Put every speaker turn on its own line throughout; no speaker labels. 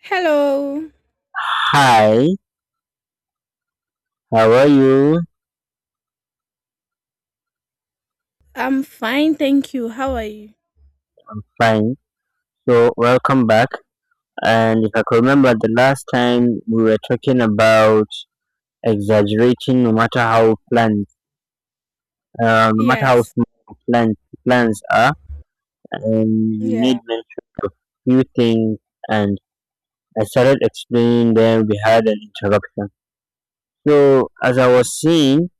Hello.
Hi, how are you?
I'm fine, thank you. How are you?
Fine. So, welcome back. And if I could remember the last time we were talking about exaggerating no matter how plans, no matter how
Yes.
small plans, plans are, and you
Yeah.
made mention of few things, and I started explaining them, we had an interruption. So, as I was saying,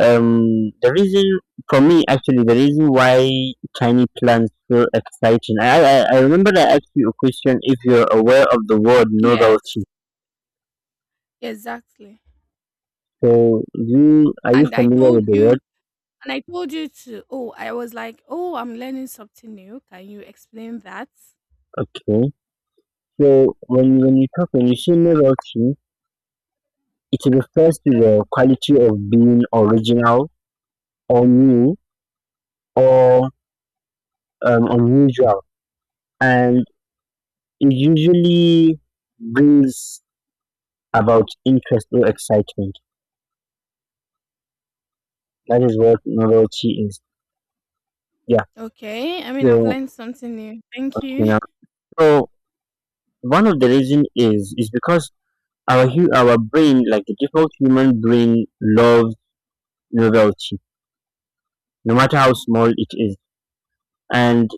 The reason for me actually the reason why tiny plants feel exciting. I remember I asked you a question if you're aware of the word
Yes,
novelty.
exactly.
So you are you
And I
familiar
told
with the
you
word?
and I told you to oh, I was like, "Oh, I'm learning something new. Can you explain that?"
Okay. So when you talk when you say novelty, it refers to the quality of being original or new or unusual, and it usually brings about interest or excitement. That is what novelty is. Yeah.
Okay. I mean, I've
So
learned something new. Thank
okay
you.
now. So one of the reason is because our brain, like the default human brain, loves novelty, no matter how small it is, and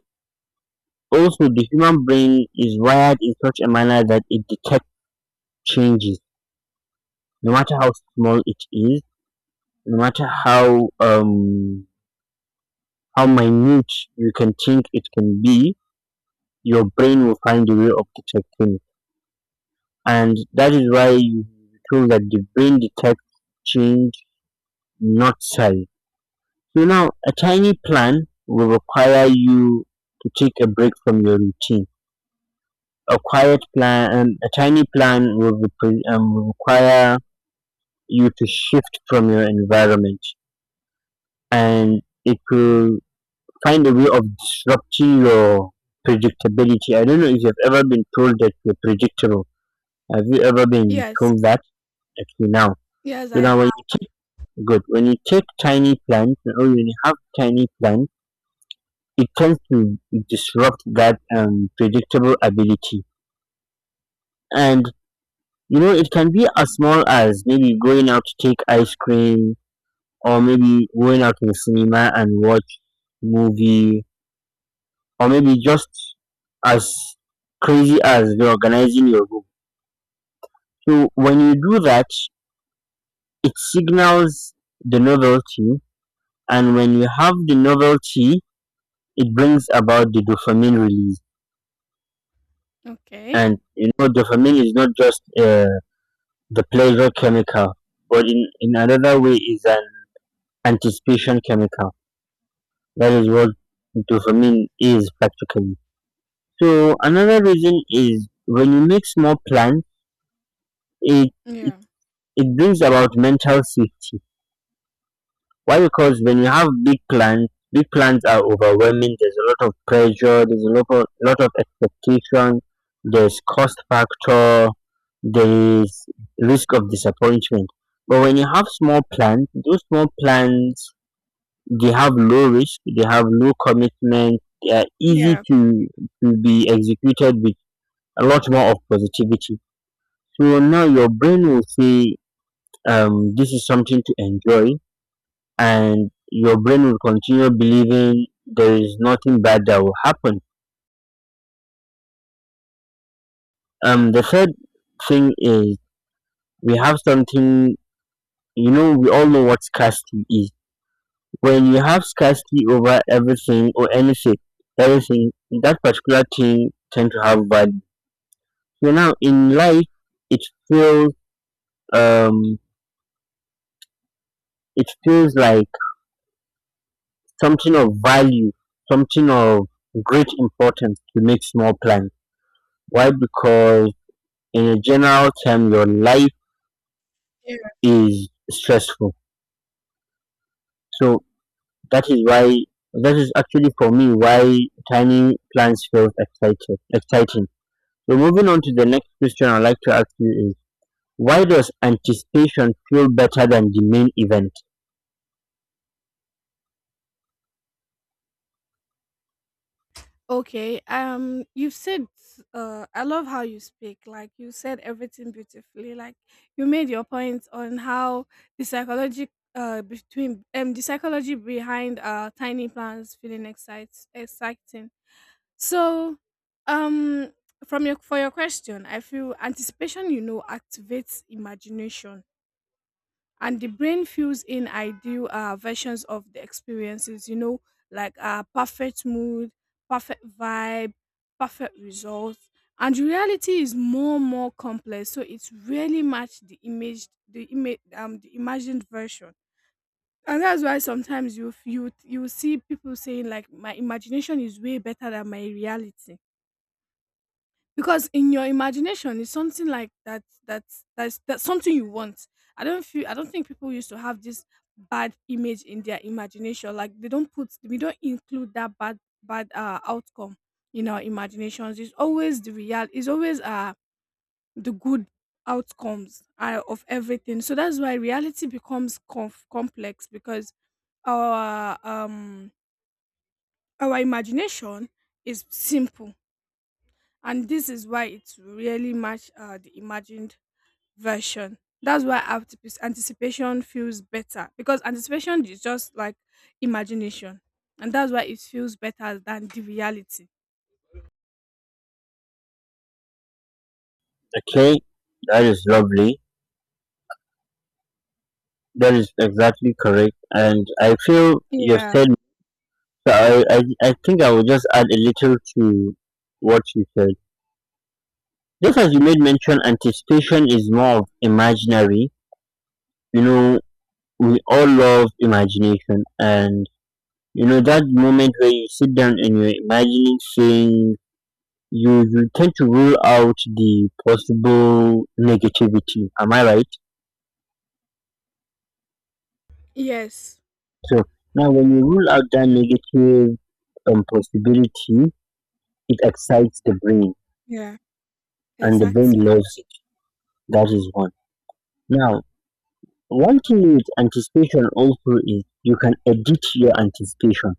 also the human brain is wired in such a manner that it detects changes, no matter how small it is, no matter how minute you can think it can be, your brain will find a way of detecting it. And that is why you feel that the brain detects change not sell. So now a tiny plan will require you to take a break from your routine. A quiet plan, a tiny plan will, will require you to shift from your environment, and it will find a way of disrupting your predictability. I don't know if you've ever been told that you're predictable. Have you ever been
Yes.
told that? Actually, now.
Yes,
So
I have.
now when you take, good, when you take tiny plans, or when you have tiny plans, it tends to disrupt that predictable ability. And, you know, it can be as small as maybe going out to take ice cream, or maybe going out to the cinema and watch movie, or maybe just as crazy as reorganizing your room. So when you do that, it signals the novelty. And when you have the novelty, it brings about the dopamine release.
Okay.
And, you know, dopamine is not just the pleasure chemical, but in another way is an anticipation chemical. That is what dopamine is practically. So another reason is when you mix more plants, it, it,
Yeah.
it brings about mental safety. Why? Because when you have big plans are overwhelming. There's a lot of pressure. There's a lot of expectation. There's cost factor. There is risk of disappointment. But when you have small plans, those small plans they have low risk. They have low commitment. They are easy
Yeah.
to be executed with a lot more of positivity. So now your brain will say, this is something to enjoy, and your brain will continue believing there is nothing bad that will happen. The third thing is we have something, you know, we all know what scarcity is. When you have scarcity over everything or anything, everything, that particular thing tend to have value. So now in life, it feels, um, it feels like something of value, something of great importance to make small plans. Why? Because in a general term, your life is stressful. So that is why, that is actually for me why tiny plans feels exciting. So moving on to the next question, I'd like to ask you is, why does anticipation feel better than the main event?
Okay. You've said, I love how you speak. Like you said everything beautifully. Like you made your point on how the psychology, between the psychology behind tiny plants feeling excite exciting. So, um, from your for your question, I feel anticipation. You know, activates imagination and the brain fills in ideal versions of the experiences, you know, like perfect mood, perfect vibe, perfect results. And reality is more and more complex, so it's really match the image, the imagined version. And that's why sometimes you you see people saying, like, my imagination is way better than my reality, because in your imagination it's something like that. That's something you want. I don't think people used to have this bad image in their imagination. Like, they don't put we don't include that bad bad outcome in our imaginations. It's always the real it's always the good outcomes of everything. So that's why reality becomes complex, because our um our imagination is simple, and this is why it will really match the imagined version. That's why anticipation feels better, because anticipation is just like imagination, and that's why it feels better than the reality.
Okay, that is lovely. That is exactly correct, and I feel you
Yeah.
said. So I think I will just add a little to what you said. Just as you made mention, anticipation is more of imaginary, you know, we all love imagination, and you know that moment where you sit down and you're imagining things, you tend to rule out the possible negativity. Am I right?
Yes.
So now when you rule out that negative possibility, it excites the brain,
Yeah,
and the brain
exactly.
loves it. That is one. Now, one thing with anticipation also is you can edit your anticipation.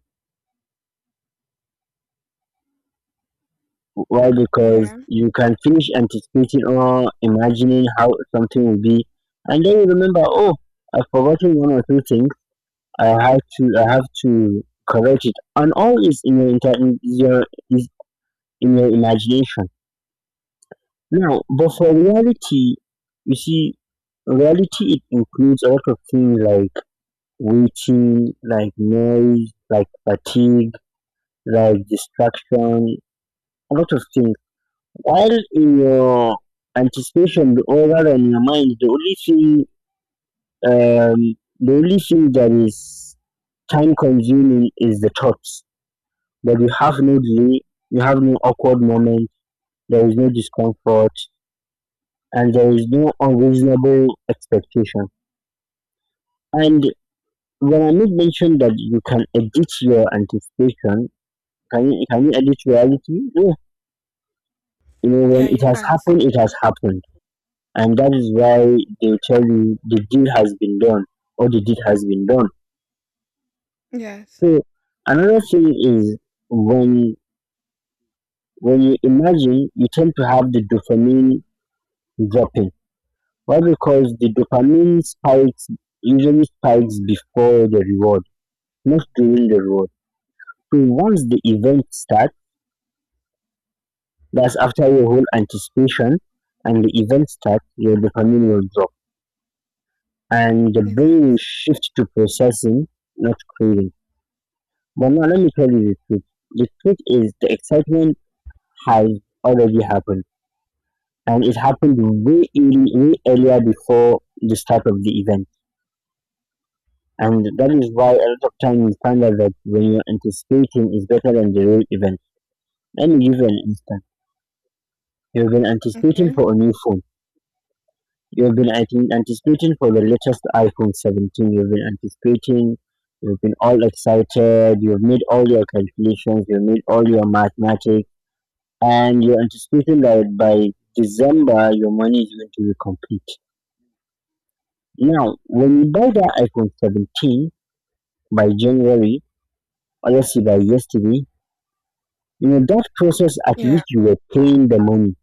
Why? Because
Yeah.
you can finish anticipating or imagining how something will be, and then you remember, oh, I've forgotten one or two things. I have to correct it, and all is in your inter- in your is in your imagination. Now, but for reality, you see, reality it includes a lot of things like waiting, like noise, like fatigue, like distraction, a lot of things. While in your anticipation be over in your mind, the only thing that is time consuming is the thoughts. But you have no delay, you have no awkward moment, there is no discomfort, and there is no unreasonable expectation. And when I make mention that you can edit your anticipation, can you edit reality? No. You know,
Yeah,
when
you
it has
can't.
happened, it has happened, and that is why they tell you the deal has been done, or the deed has been done.
Yes,
So another thing is, when when you imagine you tend to have the dopamine dropping. Why? Because the dopamine spikes, usually spikes before the reward, not during the reward. So once the event starts, that's after your whole anticipation and the event starts, your dopamine will drop and the brain will
exactly.
shift to processing, not craving. But now let me tell you the truth. The truth is the excitement has already happened, and it happened way earlier before the start of the event. And that is why a lot of time you find out that when you're anticipating is better than the real event. Let me give you an instance. You've been anticipating
Okay.
for a new phone. You've been anticipating for the latest iPhone 17. You've been anticipating. You've been all excited. You've made all your calculations. You've made all your mathematics, and you're anticipating that by December your money is going to be complete. Now, when you buy that iPhone 17 by January, or let's say by yesterday, you know, that process at
Yeah.
which you were paying the money,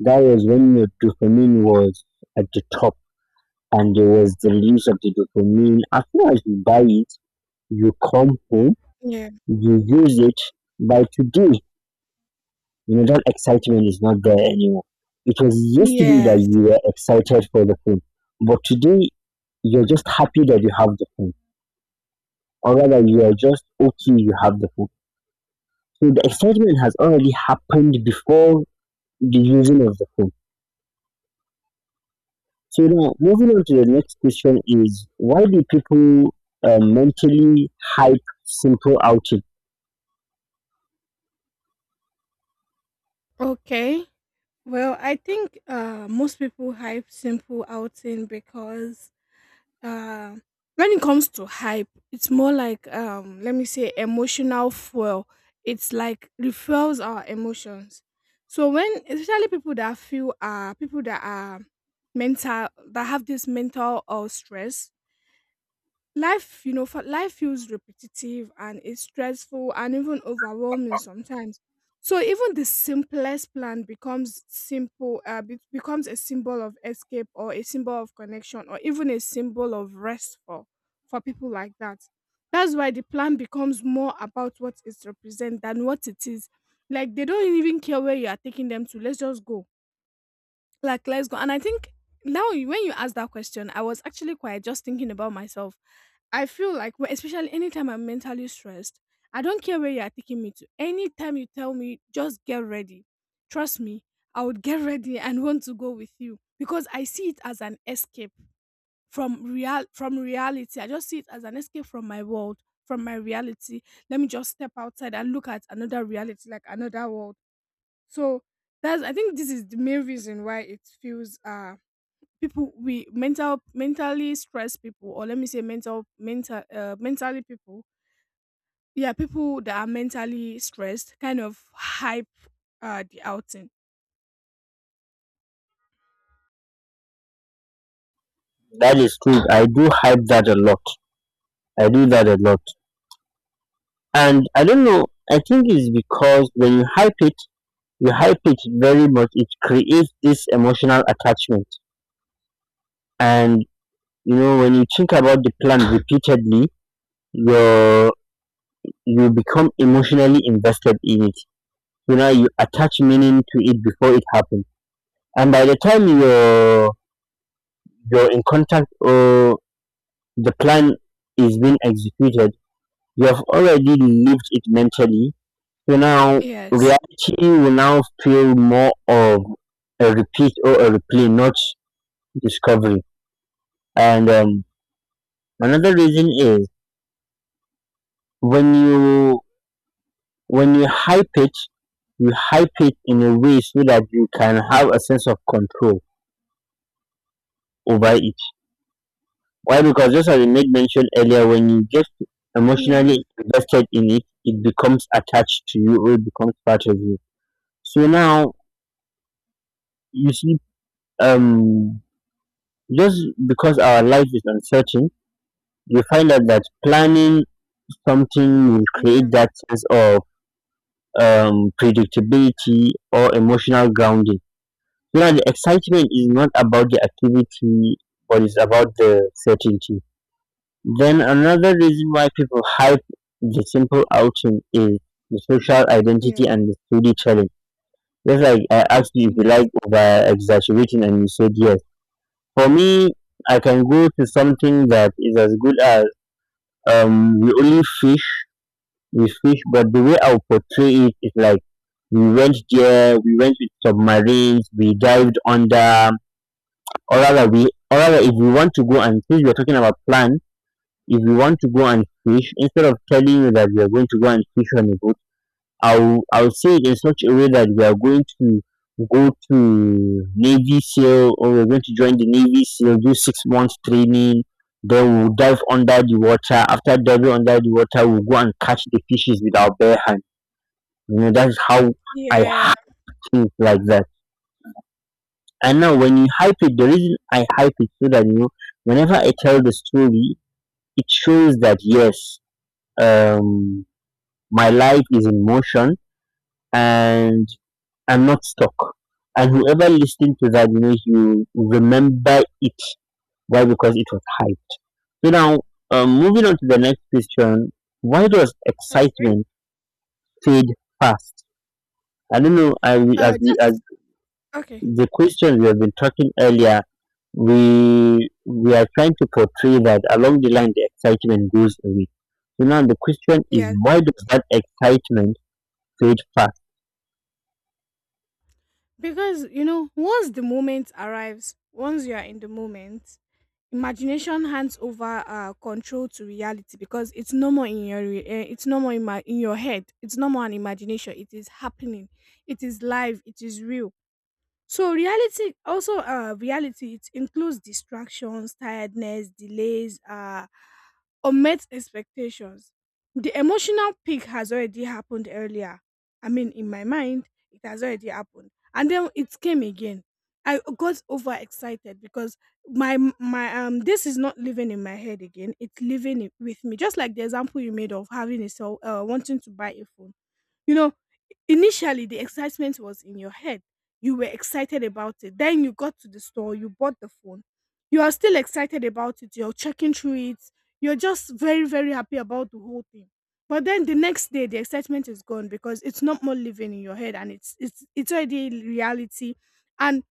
that was when your dopamine was at the top, and there was the release of the dopamine. As soon as you buy it, you come home,
Yeah.
you use it. By today, you know, that excitement is not there anymore. It was yesterday that
Yes.
you were excited for the film, but today you're just happy that you have the film, or rather, you are just okay you have the film. So the excitement has already happened before the using of the film. So now, moving on to the next question is, why do people mentally hype simple outing?
Okay. Well, I think most people hype simple outing because, Uh, when it comes to hype, it's more like, let me say, emotional fuel. It's like refuels our emotions. So when, especially people that feel people that are mental that have this mental or stress, life, you know, for life feels repetitive and it's stressful and even overwhelming sometimes, so even the simplest plan becomes becomes a symbol of escape or a symbol of connection or even a symbol of rest for people like that. That's why the plan becomes more about what it represents than what it is. Like, they don't even care where you are taking them to. Let's just go. Like, let's go. And I think now when you ask that question, I was actually quite just thinking about myself. I feel like, well, especially anytime I'm mentally stressed, I don't care where you are taking me to. Anytime you tell me, just get ready. Trust me, I would get ready and want to go with you, because I see it as an escape from reality. I just see it as an escape from my world, from my reality. Let me just step outside and look at another reality, like another world. So that's, I think this is the main reason why it feels people we mental mentally stressed people or let me say mental mental mentally people, yeah, people that are mentally stressed kind of hype the outing.
That is true. I do hype that a lot. I do that a lot. And I don't know, I think it's because when you hype it very much, it creates this emotional attachment. And you know, when you think about the plant repeatedly, you you become emotionally invested in it. You know, you attach meaning to it before it happens, and by the time you're in contact, or the plan is being executed, you have already lived it mentally. So now
Yes.
reality will now feel more of a repeat or a replay, not discovery. And another reason is, when you when you hype it in a way so that you can have a sense of control over it. Why? Because just as I made mention earlier, when you get
Yeah.
emotionally invested in it, it becomes attached to you, or it becomes part of you. So now you see, um, just because our life is uncertain, you find out that planning something will
Yeah.
create that sense of predictability, or emotional grounding. You know, the excitement is not about the activity, but it's about the certainty. Then another reason why people hype the simple outing is the social
Yeah.
identity and the storytelling. Just like I asked you if you
Yeah.
like over exaggerating and you said yes. For me, I can go to something that is as good as we only fish we fish, but the way I'll portray it is like we went there, we went with submarines, we dived under, or rather, we, or rather, if we want to go, and since we're talking about plan, if we want to go and fish, instead of telling you that we are going to go and fish on a boat, I'll say it in such a way that we are going to go to Navy SEAL, or we're going to join the Navy SEAL, do 6 months training, then we'll dive under the water. After diving under the water, we'll go and catch the fishes with our bare hands. You know, that's how I
Yeah.
hype things like that. And now when you hype it, the reason I hype it so that you know, whenever I tell the story, it shows that yes, um, my life is in motion and I'm not stuck. And whoever listened to that, you remember it. Why? Because it was hype. So now, moving on to the next question. Why does
Okay.
excitement fade fast? I don't know. I as we- as
Just Okay.
the questions we have been talking earlier we are trying to portray that along the line the excitement goes away. So now the question is,
Yes,
why does that excitement fade fast?
because, you know, once the moment arrives, once you are in the moment, imagination hands over control to reality, because it's no more in it's no more in in your head. It's no more an imagination. It is happening. It is live. It is real. So reality also, reality it includes distractions, tiredness, delays, unmet expectations. The emotional peak has already happened earlier. I mean, in my mind it has already happened. And then it came again. I got overexcited because my this is not living in my head again. It's with me. Just like the example you made of having a cell wanting to buy a phone. You know, initially the excitement was in your head. You were excited about it. Then you got to the store, you bought the phone. You are still excited about it. You're checking through it. You're just very, very happy about the whole thing. But then the next day the excitement is gone, because it's not more living in your head and it's already reality. And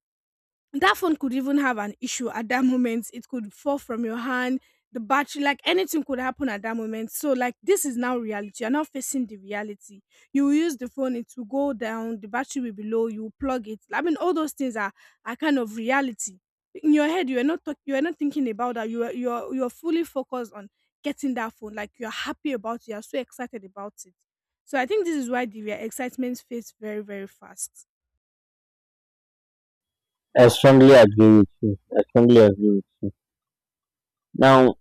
that phone could even have an issue at that moment. It could fall from your hand, the battery, like anything could happen at that moment. So, like, this is now reality. You're not facing the reality. You will use the phone, it will go down, the battery will be low, you will plug it. I mean, all those things are kind of reality. In your head, you are not you are not thinking about that. You are fully focused on getting that phone. Like, you are happy about it. You are so excited about it. So I think this is why excitement fades very, very fast.
I strongly agree with you. I strongly agree with you. Now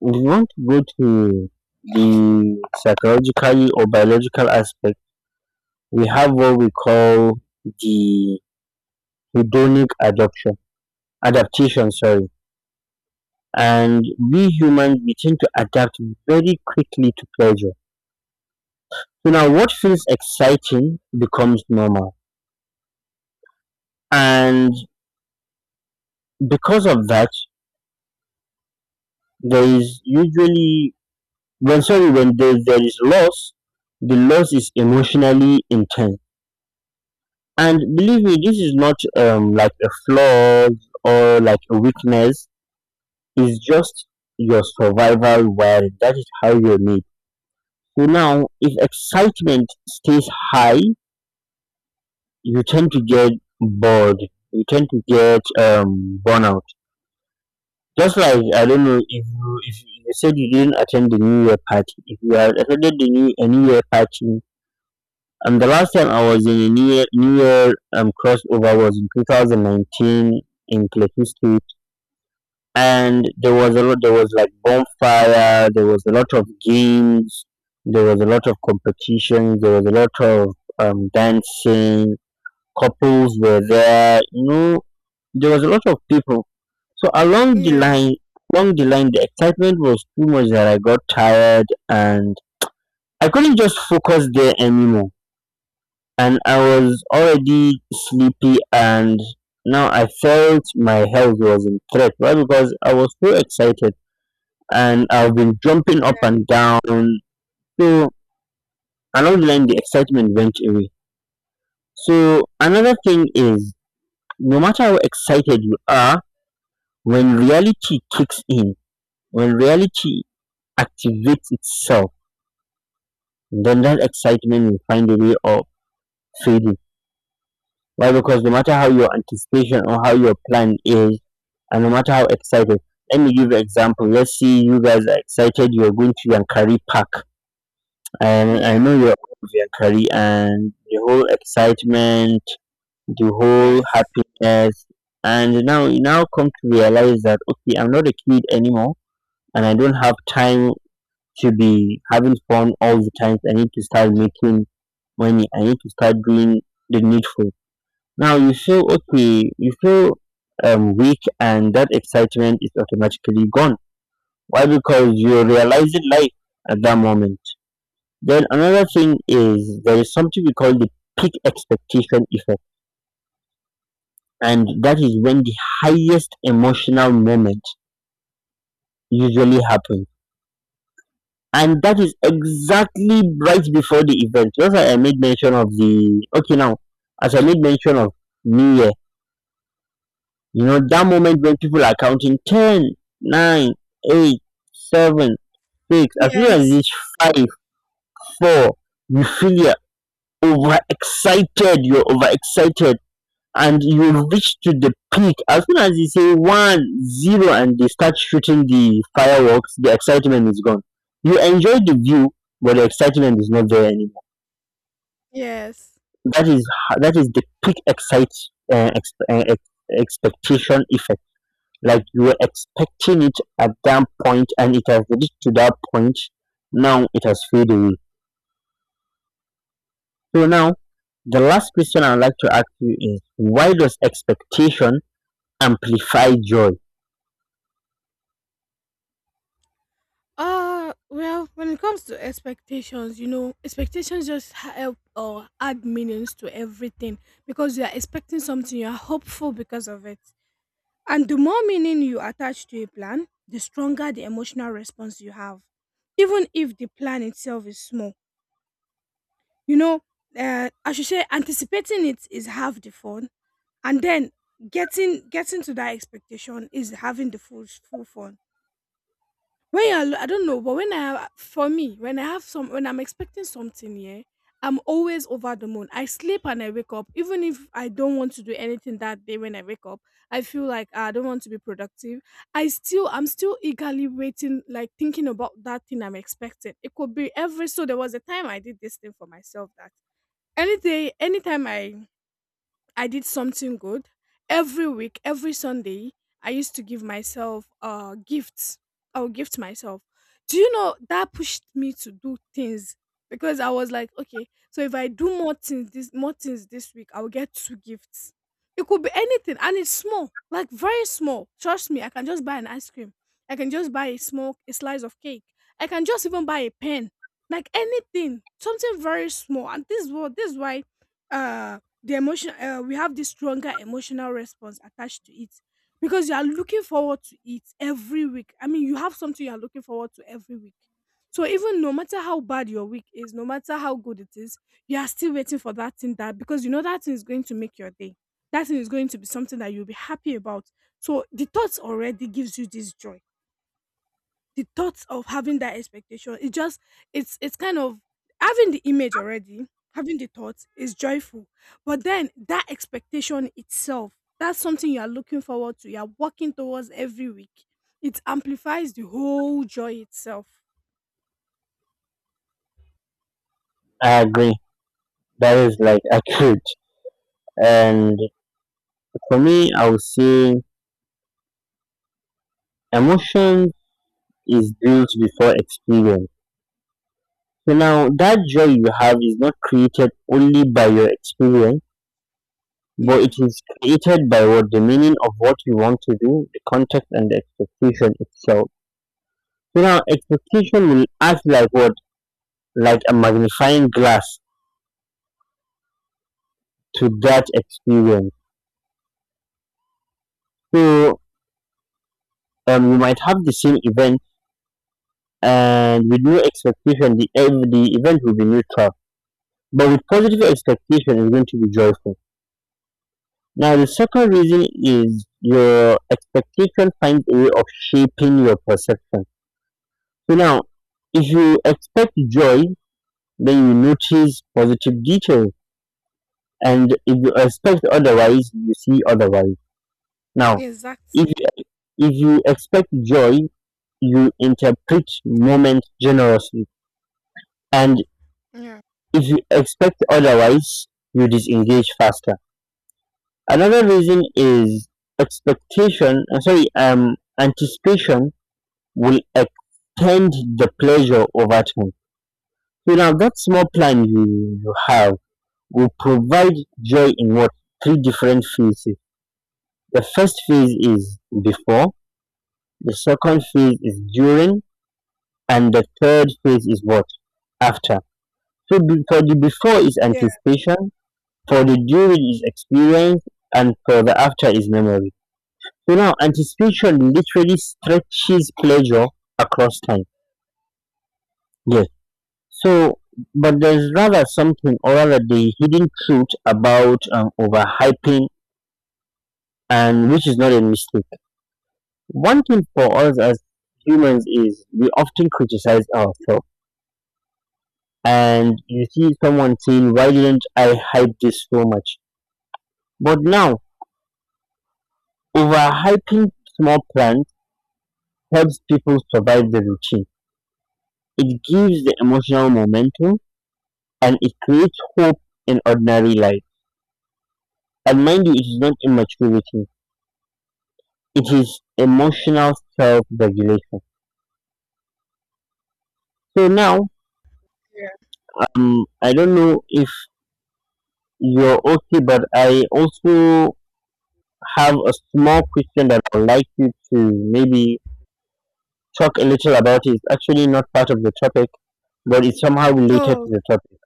we want to go to the psychological or biological aspect. We have what we call the hedonic adoption adaptation, sorry. And we humans we tend to adapt very quickly to pleasure. So now what feels exciting becomes normal. And because of that, there is usually when there is loss, the loss is emotionally intense. And believe me, this is not like a flaw or like a weakness. It's just your survival wiring. That is how you're made. So now if excitement stays high, you tend to get bored. You tend to get burnout. Just like I don't know if you said you didn't attend the New Year party. If you had attended the new a New Year party, and the last time I was in a New Year crossover was in 2019 in Plateau State, and there was a lot. There was like bonfire. There was a lot of games. There was a lot of competition. There was a lot of dancing. Couples were there, there was a lot of people. So along the
Yeah.
line, along the line, the excitement was too much that I got tired, and I couldn't just focus there anymore. And I was already sleepy, and now I felt my health was in threat, right? Because I was so excited and I've been jumping up
Yeah.
and down. So along the line, the excitement went away. So another thing is, no matter how excited you are, when reality kicks in, when reality activates itself, then that excitement will find a way of fading. Why? Because no matter how your anticipation or how your plan is, and no matter how excited, let me give you an example. Let's see, you guys are excited, you're going to Yankari Park, and I
Yeah.
know you're going to Yankari, and the whole excitement, the whole
Yes.
happiness, and now you now come to realize that okay, I'm not a kid anymore, and I don't have time to be having fun all the time. I need to start making money. I need to start doing the needful. Now you feel okay. You feel weak, and that excitement is automatically gone. Why? Because you're realizing life at that moment. Then another thing is, there is something we call the peak expectation effect, and that is when the highest emotional moment usually happens. And that is exactly right before the event. Just like I made mention of the okay now, as I made mention of New Year, that moment when people are counting 10, 9, 8, 7, 6. As soon as you
Yes,
reach 5, 4, you feel you're overexcited, and you reach to the peak. As soon as you say one, zero, and they start shooting the fireworks, the excitement is gone. You enjoy the view, but the excitement is not there anymore.
yes.
that is that is the peak uh, ex- uh, ex- expectation effect, like you were expecting it at that point and it has reached to that point, now it has faded away. So now the last question I'd like to ask you is, why does expectation amplify joy?
Well, when it comes to expectations, you know, expectations just help or add meanings to everything, because you are expecting something, you are hopeful because of it. And the more meaning you attach to a plan, the stronger the emotional response you have, even if the plan itself is small. You know, I should say anticipating it is half the fun, and then getting to that expectation is having the full full fun. When you're alo I don't know, but when I have some, when I'm expecting something, yeah, I'm always over the moon. I sleep and I wake up. Even if I don't want to do anything that day, when I wake up, I feel like, ah, I don't want to be productive. I'm still eagerly waiting, like thinking about that thing I'm expecting. It could be every, so there was a time I did this thing for myself that any day, anytime I did something good. Every week, every Sunday, I used to give myself gifts. I would gift myself. Do you know that pushed me to do things, because I was like, okay, so if I do more things this week, I will get two gifts. It could be anything, and it's small, like very small. Trust me, I can just buy an ice cream. I can just buy a slice of cake. I can just even buy a pen, like anything, something very small. And this is what, this is why uh the emotion we have this stronger emotional response attached to it, because you are looking forward to it every week. I mean, you have something you are looking forward to every week. So even no matter how bad your week is, no matter how good it is, you are still waiting for that thing. That, because you know that thing is going to make your day. That thing is going to be something that you'll be happy about. So the thoughts already gives you this joy. The thoughts of having that expectation, it just, it's kind of having the image already. Having the thoughts is joyful. But then that expectation itself, that's something you are looking forward to, you are working towards every week. It amplifies the whole joy itself.
I agree. That is like accurate. And for me, I would say emotion is built before experience. So now that joy you have is not created only by your experience, but it
Yeah,
is created by what the meaning of what you want to do, the context and the expectation itself. So now expectation will act like what? Like a magnifying glass to that experience. So you might have the same event, and with no expectation the event will be neutral. But with positive expectation it's going to be joyful. Now, the second reason is your expectation finds a way of shaping your perception. So now, if you expect joy, then you notice positive details, and if you expect otherwise, you see otherwise. Now, if
exactly.
if you expect joy, you interpret moments generously, and
Yeah.
if you expect otherwise, you disengage faster. Another reason is expectation. Sorry, anticipation will extend the pleasure over time. So now that small plan you have will provide joy in what? Three different phases. The first phase is before, the second phase is during, and the third phase is what? After. So for the before is
Yeah.
anticipation, for the during is experience, and for the after is memory. So now anticipation literally stretches pleasure across time. Yes. So, but there's rather something, or rather the hidden truth about overhyping, and which is not a mistake. One thing for us as humans is we often criticize ourselves, and you see someone saying, "Why didn't I hype this so much?" But now, overhyping small plans helps people survive the routine. It gives the emotional momentum, and it creates hope in ordinary life. And mind you, it is not immaturity. It is emotional self-regulation. So now,
Yeah.
I don't know if you're okay, but I also have a small question that I'd like you to maybe talk a little about. It's actually not part of the topic, but it's somehow related to
Oh,
the topic.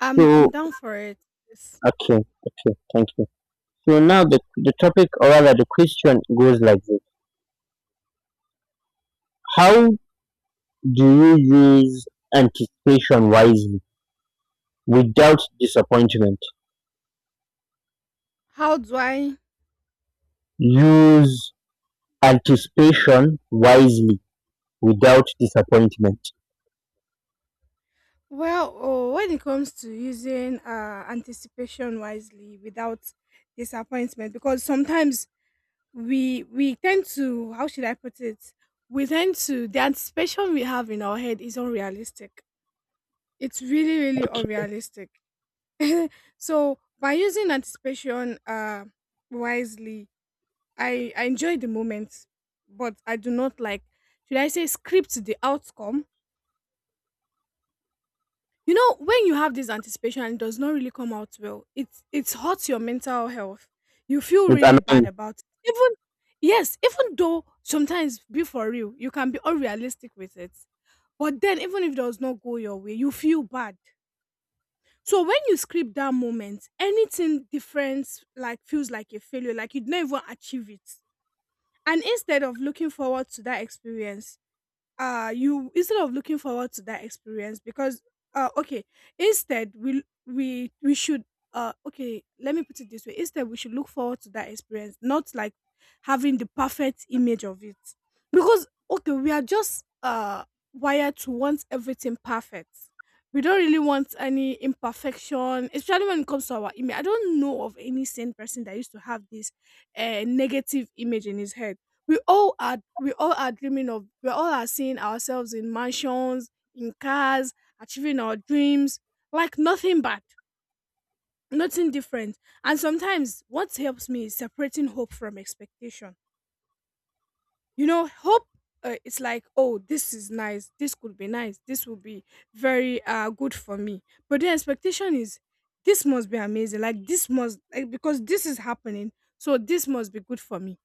I'm
So,
down for it. Yes.
okay, okay, thank you. So now the, topic, or rather the question, goes like this. How do you use anticipation wisely without disappointment?
How do I?
Use anticipation wisely without disappointment.
Well, oh, when it comes to using anticipation wisely without disappointment, because sometimes we tend to, how should I put it? We tend to, the anticipation we have in our head is unrealistic. It's really, really unrealistic. So by using anticipation wisely, I enjoy the moment, but I do not like, should I say, script the outcome. You know, when you have this anticipation and it does not really come out well, it hurts your mental health. You feel
It's
really bad
annoying.
about it, even. Yes, even though sometimes, be for real, you can be unrealistic with it. But then even if it does not go your way, you feel bad. So when you script that moment, anything different, like, feels like a failure, like you'd not even achieve it. And instead of looking forward to that experience, you instead of looking forward to that experience because, okay, instead we should okay, let me put it this way, instead we should look forward to that experience, not like having the perfect image of it. Because, okay, we are just wired to want everything perfect. We don't really want any imperfection, especially when it comes to our image. I don't know of any sane person that used to have this negative image in his head. We all are dreaming of, we all are seeing ourselves in mansions, in cars, achieving our dreams, like nothing bad, nothing different. And sometimes what helps me is separating hope from expectation. You know, hope, it's like, oh, this is nice, this could be nice, this will be very good for me. But the expectation is, this must be amazing, like, this must, like, because this is happening, so this must be good for me.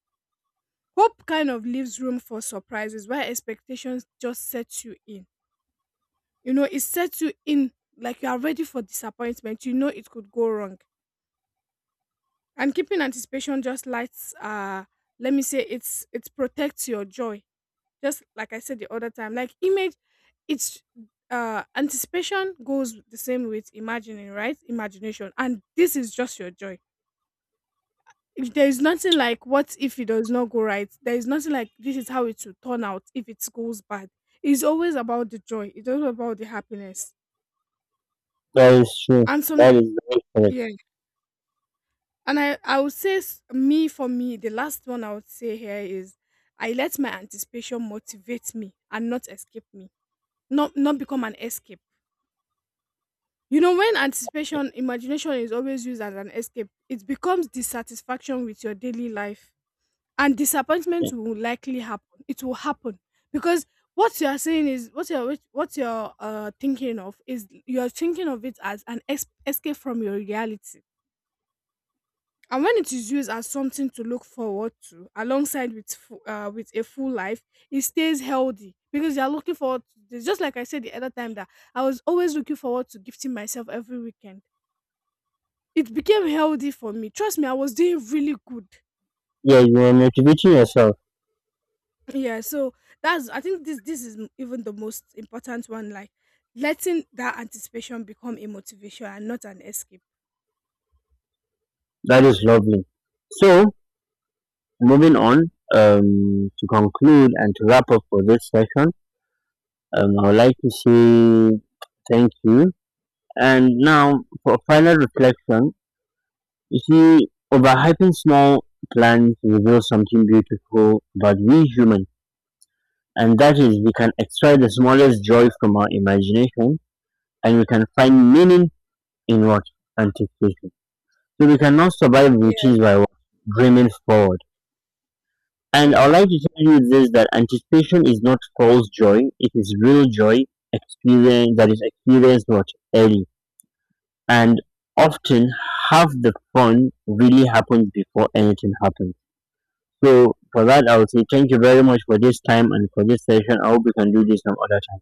Hope kind of leaves room for surprises while expectations just sets you in. You know, it sets you in like you are ready for disappointment. You know it could go wrong. And keeping anticipation just lights let me say, it's, it protects your joy. Just like I said the other time, like image, it's, anticipation goes the same with imagining, right? Imagination. And this is just your joy. If there is nothing like, what if it does not go right, there is nothing like, this is how it will turn out if it goes bad. It's always about the joy, it's always about the happiness.
That is true.
And some,
That is very correct.
yeah. And I would say, s- me for me, the last one I would say here is, I let my anticipation motivate me and not escape me, not become an escape. You know, when anticipation, imagination is always used as an escape, it becomes dissatisfaction with your daily life, and disappointment will likely happen. It will happen, because what you are saying, is what you're thinking of, is you're thinking of it as an escape from your reality. And when it is used as something to look forward to alongside with with a full life, it stays healthy, because you're looking forward to this. Just like I said the other time, that I was always looking forward to gifting myself every weekend. It became healthy for me, trust me, I was doing really good.
Yeah, you are motivating yourself.
Yeah, so that's, I think this, even the most important one, like letting that anticipation become a motivation and not an escape.
That is lovely. So, moving on to conclude and to wrap up for this session, I would like to say thank you. And now, for final reflection, you see, overhyping small plans reveals something beautiful about we humans. And that is we can extract the smallest joy from our imagination, and we can find meaning in what? Anticipation. So we cannot survive
Yes.
routines by what? Dreaming forward. And I'd
Yeah.
like to tell you this, that anticipation is not false joy, it is real joy experience, that is experienced what? Early. And often half the fun really happens before anything happens. So for that I would say thank you very much for this time and for this session. I hope we can do this some other time.